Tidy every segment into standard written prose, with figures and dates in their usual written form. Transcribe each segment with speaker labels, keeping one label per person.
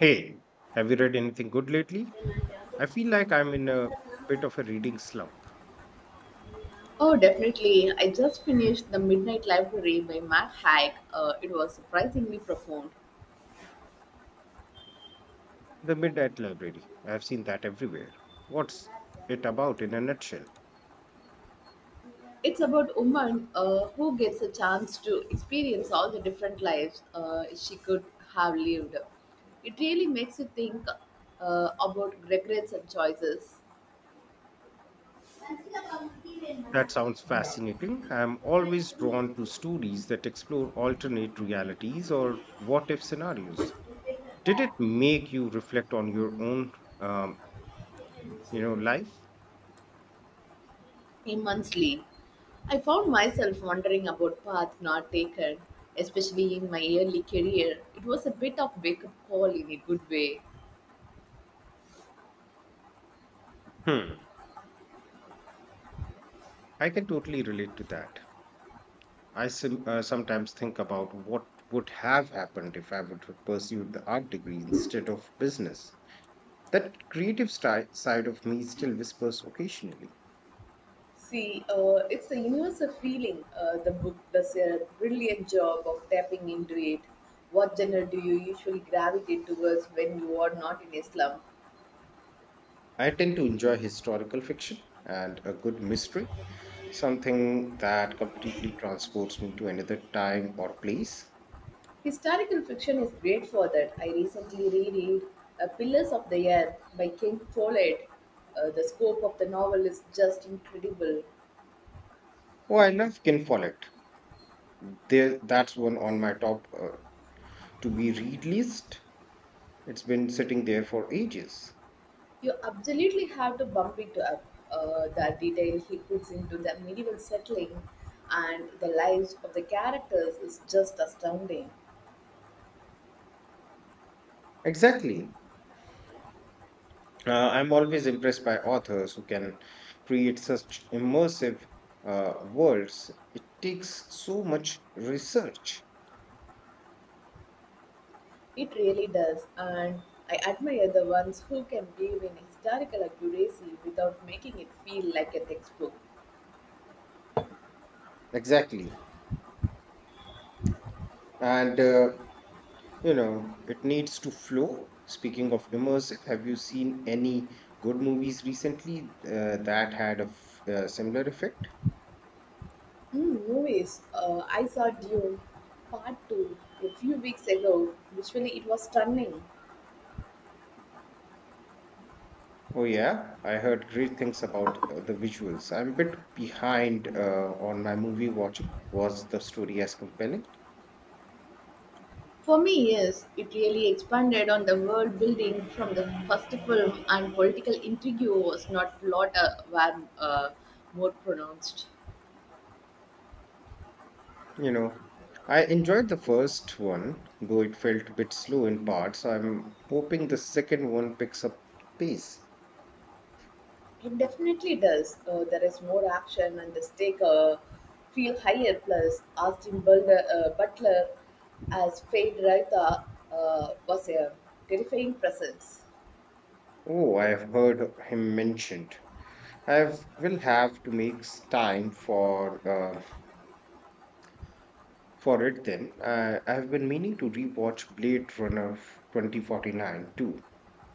Speaker 1: Hey, have you read anything good lately? I feel like I'm in a bit of a reading slump.
Speaker 2: Oh, definitely. I just finished The Midnight Library by Matt Haig. It was surprisingly profound.
Speaker 1: The Midnight Library. I've seen that everywhere. What's it about in a nutshell?
Speaker 2: It's about a woman who gets a chance to experience all the different lives she could have lived. It really makes you think about regrets and choices
Speaker 1: That sounds fascinating. I'm always drawn to stories that explore alternate realities or what if scenarios. Did it make you reflect on your own um, life?
Speaker 2: immensely. I found myself wondering about paths not taken, especially in my early career. It was a bit of wake up call in a good way.
Speaker 1: Hmm. I can totally relate to that. I sometimes think about what would have happened if I would have pursued the art degree instead of business. That creative side of me still whispers occasionally.
Speaker 2: See, it's a universal feeling. The book does a brilliant job of tapping into it. What genre do you usually gravitate towards when you are not in a slump?
Speaker 1: I tend to enjoy historical fiction and a good mystery, something that completely transports me to another time or place.
Speaker 2: Historical fiction is great for that. I recently reread Pillars of the Earth by King Follett. The scope of the novel is just incredible.
Speaker 1: Oh, I love Ken Follett. There, that's one on my top to be read list. It's been sitting there for ages.
Speaker 2: You absolutely have to bump it up. The detail he puts into the medieval settling and the lives of the characters is just astounding.
Speaker 1: Exactly. I'm always impressed by authors who can create such immersive worlds. It takes so much research.
Speaker 2: It really does, and I admire the ones who can weave in historical accuracy without making it feel like a textbook.
Speaker 1: Exactly. And, uh, it needs to flow. Speaking of immersive, have you seen any good movies recently that had a similar effect?
Speaker 2: Movies, I saw Dune Part 2 a few weeks ago. Visually, it was stunning.
Speaker 1: Oh, yeah. I heard great things about the visuals. I'm a bit behind on my movie watching. Was the story as compelling?
Speaker 2: For me, yes, it really expanded on the world building from the first film, and political intrigue was not lot were more pronounced.
Speaker 1: You know, I enjoyed the first one, though it felt a bit slow in parts. I'm hoping the second one picks up pace.
Speaker 2: It definitely does. There is more action and the stakes feel higher. Plus, Butler as Fade Raita was a terrifying presence.
Speaker 1: Oh, I have heard him mentioned. Will have to make time for it then. I have been meaning to rewatch Blade Runner 2049 too.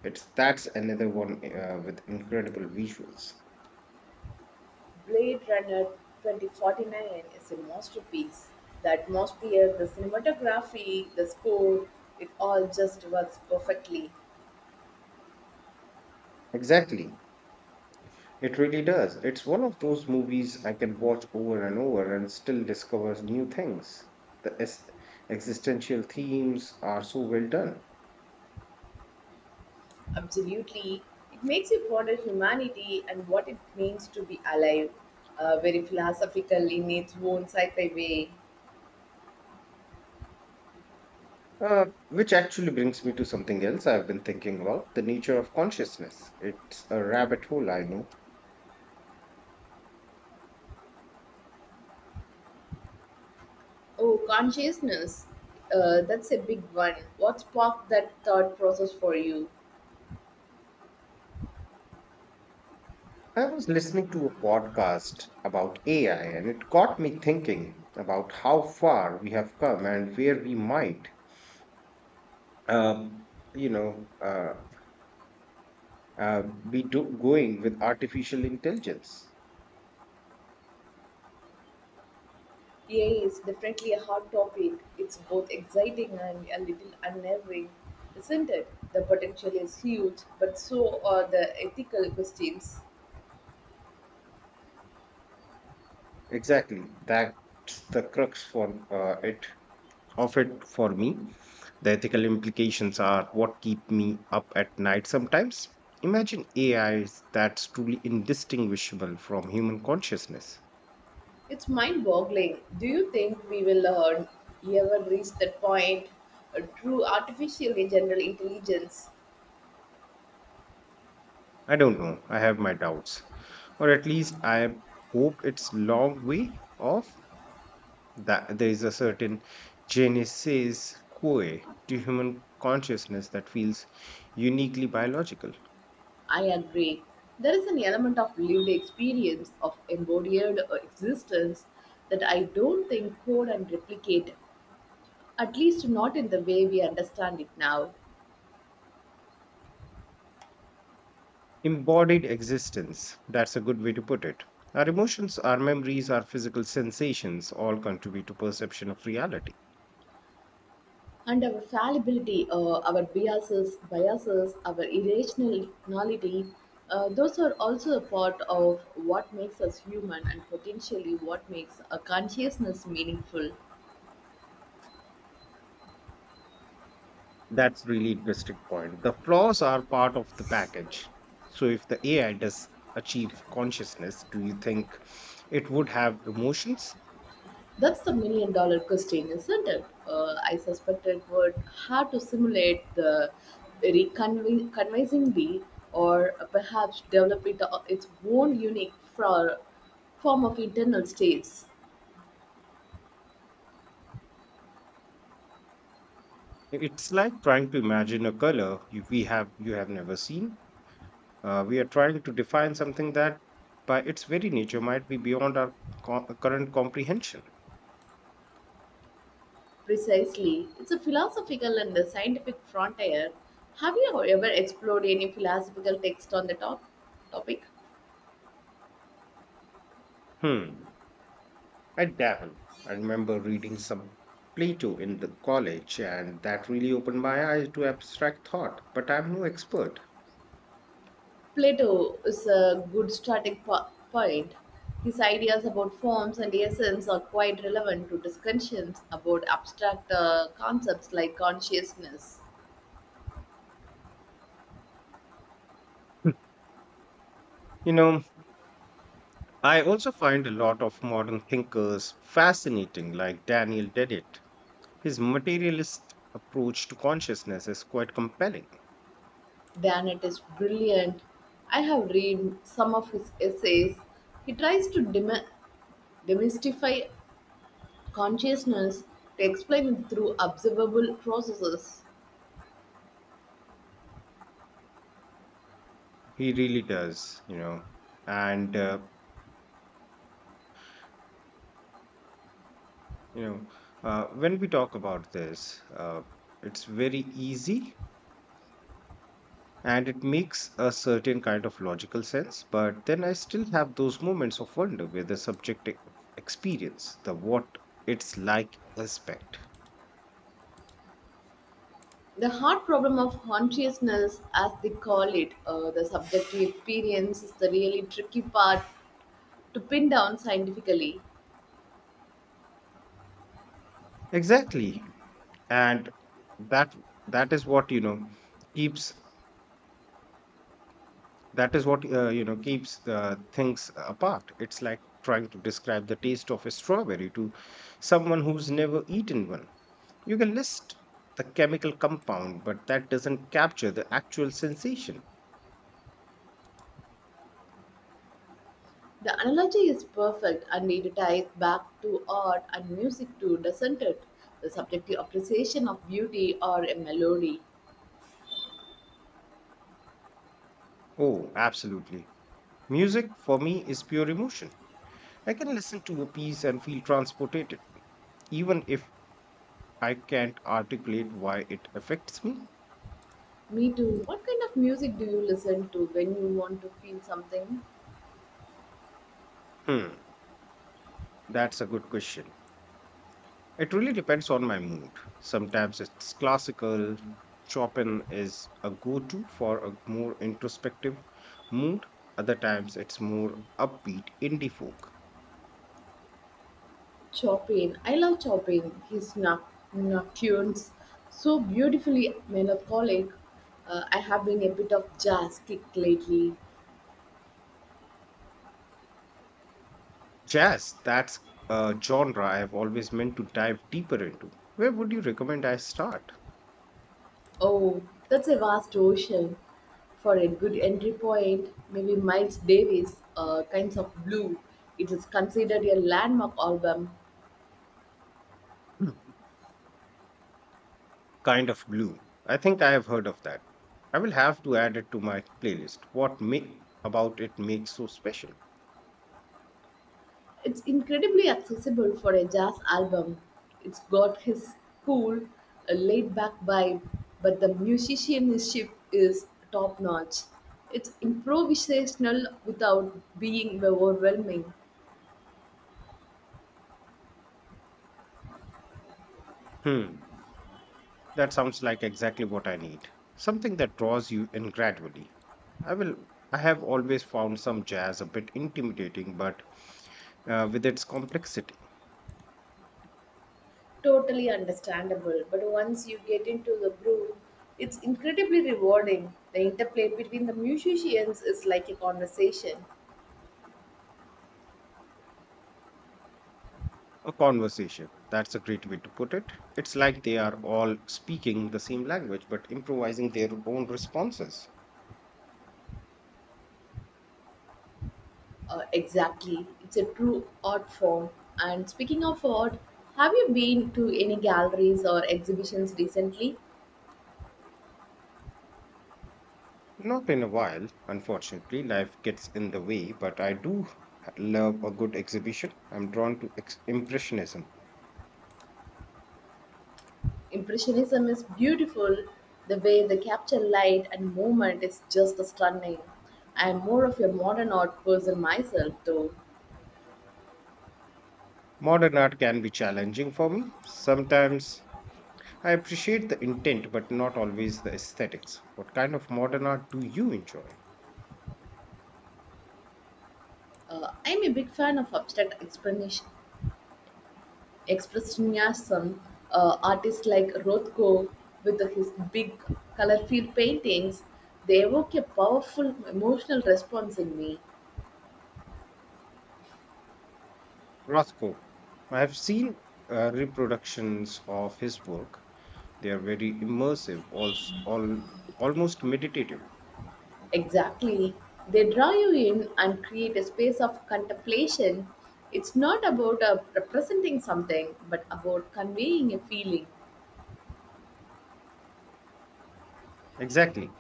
Speaker 1: It's That's another one with incredible visuals.
Speaker 2: Blade Runner 2049 is a masterpiece. The atmosphere, the cinematography, the score, it all just works perfectly.
Speaker 1: Exactly. It really does. It's one of those movies I can watch over and over and still discover new things. The existential themes are so well done.
Speaker 2: Absolutely. It makes you ponder humanity and what it means to be alive. Very philosophical in its own sci fi way.
Speaker 1: Which actually brings me to something else I've been thinking about the nature of consciousness. It's a rabbit hole, I know.
Speaker 2: Oh, consciousness. That's a big one. What sparked that thought process for you?
Speaker 1: I was listening to a podcast about AI, and it got me thinking about how far we have come and where we might, um, you know, uh, going with artificial intelligence.
Speaker 2: Yeah, it's definitely a hot topic. It's both exciting and a little unnerving, isn't it? The potential is huge, but so are the ethical questions.
Speaker 1: Exactly. That's the crux for it of it for me. The ethical implications are what keep me up at night sometimes. Imagine AIs that's truly indistinguishable from human consciousness.
Speaker 2: It's mind boggling. Do you think we will ever reach that point through artificial general intelligence?
Speaker 1: I don't know. I have my doubts. Or at least I hope it's long way off. That there is a certain genesis quo to human consciousness that feels uniquely biological.
Speaker 2: I agree. There is an element of lived experience, of embodied existence, that I don't think code and replicate, at least not in the way we understand it now.
Speaker 1: Embodied existence, that's a good way to put it. Our emotions, our memories, our physical sensations all contribute to perception of reality.
Speaker 2: And our fallibility, biases, our irrationality, those are also a part of what makes us human and potentially what makes a consciousness meaningful.
Speaker 1: That's really interesting point. The flaws are part of the package. So if the AI does achieve consciousness, do you think it would have emotions?
Speaker 2: That's the million-dollar question, isn't it? I suspect it would have to simulate the convincingly or perhaps develop it, its own unique form of internal states.
Speaker 1: It's like trying to imagine a color you have never seen. We are trying to define something that, by its very nature, might be beyond our current comprehension.
Speaker 2: Precisely. It's a philosophical and a scientific frontier. Have you ever explored any philosophical text on the topic?
Speaker 1: Hmm. I Davin, I remember reading some Plato in the college, and that really opened my eyes to abstract thought. But I'm no expert.
Speaker 2: Plato is a good point. His ideas about forms and essence are quite relevant to discussions about abstract concepts like consciousness.
Speaker 1: You know, I also find a lot of modern thinkers fascinating, like Daniel Dennett. His materialist approach to consciousness is quite compelling.
Speaker 2: Dennett is brilliant. I have read some of his essays. He tries to demystify consciousness to explain it through observable processes.
Speaker 1: He really does, you know. And, uh, you know, when we talk about this, it's very easy and it makes a certain kind of logical sense. But then I still have those moments of wonder with the subjective experience, the what it's like aspect.
Speaker 2: The hard problem of consciousness, as they call it, the subjective experience, is the really tricky part to pin down scientifically.
Speaker 1: Exactly. and that that is what you know keeps That is what keeps the things apart. It's like trying to describe the taste of a strawberry to someone who's never eaten one. You can list the chemical compound, but that doesn't capture the actual sensation.
Speaker 2: The analogy is perfect and it ties back to art and music too, doesn't it? The subjective appreciation of beauty or a melody.
Speaker 1: Oh, absolutely. Music for me is pure emotion. I can listen to a piece and feel transported, even if I can't articulate why it affects me.
Speaker 2: Me too. What kind of music do you listen to when you want to feel something?
Speaker 1: Hmm, that's a good question. It really depends on my mood. Sometimes it's classical. Chopin is a go to for a more introspective mood. Other times it's more upbeat indie folk.
Speaker 2: Chopin. I love Chopin. His nocturnes, so beautifully melancholic. I have been a bit of jazz kick lately.
Speaker 1: Jazz, that's a genre I've always meant to dive deeper into. Where would you recommend I start?
Speaker 2: Oh, that's a vast ocean for a good entry point. Maybe Miles Davis, Kinds of Blue. It is considered a landmark album.
Speaker 1: Hmm. Kind of blue. I think I have heard of that. I will have to add it to my playlist. What make about it makes so special?
Speaker 2: It's incredibly accessible for a jazz album. It's got his cool, laid back vibe, but the musicianship is top notch. It's improvisational without being overwhelming,
Speaker 1: Hmm. That sounds like exactly what I need. Something that draws you in gradually. I will I have always found some jazz a bit intimidating, but with its complexity.
Speaker 2: totally understandable. But once you get into the groove, it's incredibly rewarding. The interplay between the musicians is like a conversation.
Speaker 1: A conversation. That's a great way to put it. It's like they are all speaking the same language but improvising their own responses.
Speaker 2: Exactly. It's a true art form. And speaking of art, have you been to any galleries or exhibitions recently?
Speaker 1: Not in a while, unfortunately, life gets in the way, but I do love a good exhibition. I'm drawn to Impressionism.
Speaker 2: Impressionism is beautiful. The way they capture light and movement is just stunning. I am more of a modern art person myself, though.
Speaker 1: Modern art can be challenging for me. Sometimes I appreciate the intent, but not always the aesthetics. What kind of modern art do you enjoy?
Speaker 2: I'm a big fan of Expressionism, artists like Rothko with his big colorful paintings, they evoke a powerful emotional response in me.
Speaker 1: Rothko. I have seen reproductions of his work. They are very immersive, almost meditative.
Speaker 2: Exactly. They draw you in and create a space of contemplation. It's not about representing something, but about conveying a feeling.
Speaker 1: Exactly.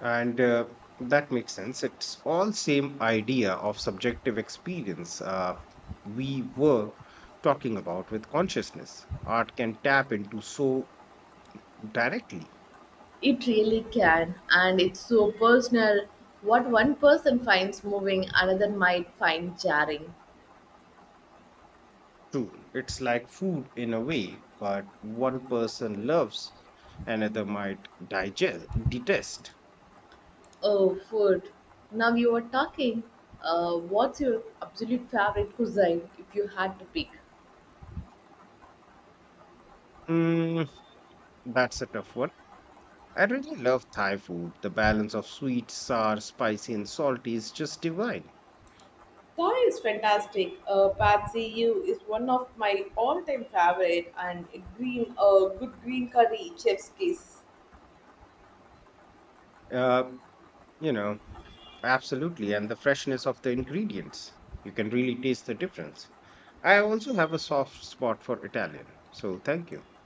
Speaker 1: And That makes sense. It's all same idea of subjective experience we were talking about with consciousness. Art can tap into so directly.
Speaker 2: It really can, and it's so personal. What one person finds moving, another might find jarring.
Speaker 1: True. It's like food in a way, but one person loves, another might detest.
Speaker 2: Oh, food. Now you are talking. What's your absolute favorite cuisine if you had to pick?
Speaker 1: Mm, that's a tough one. I really love Thai food. The balance of sweet, sour, spicy, and salty is just divine.
Speaker 2: Thai is fantastic. Pad See Ew is one of my all-time favorite, and a green, good green curry, chef's kiss.
Speaker 1: Um, you know, Absolutely. And the freshness of the ingredients. You can really taste the difference. I also have a soft spot for Italian. So thank you.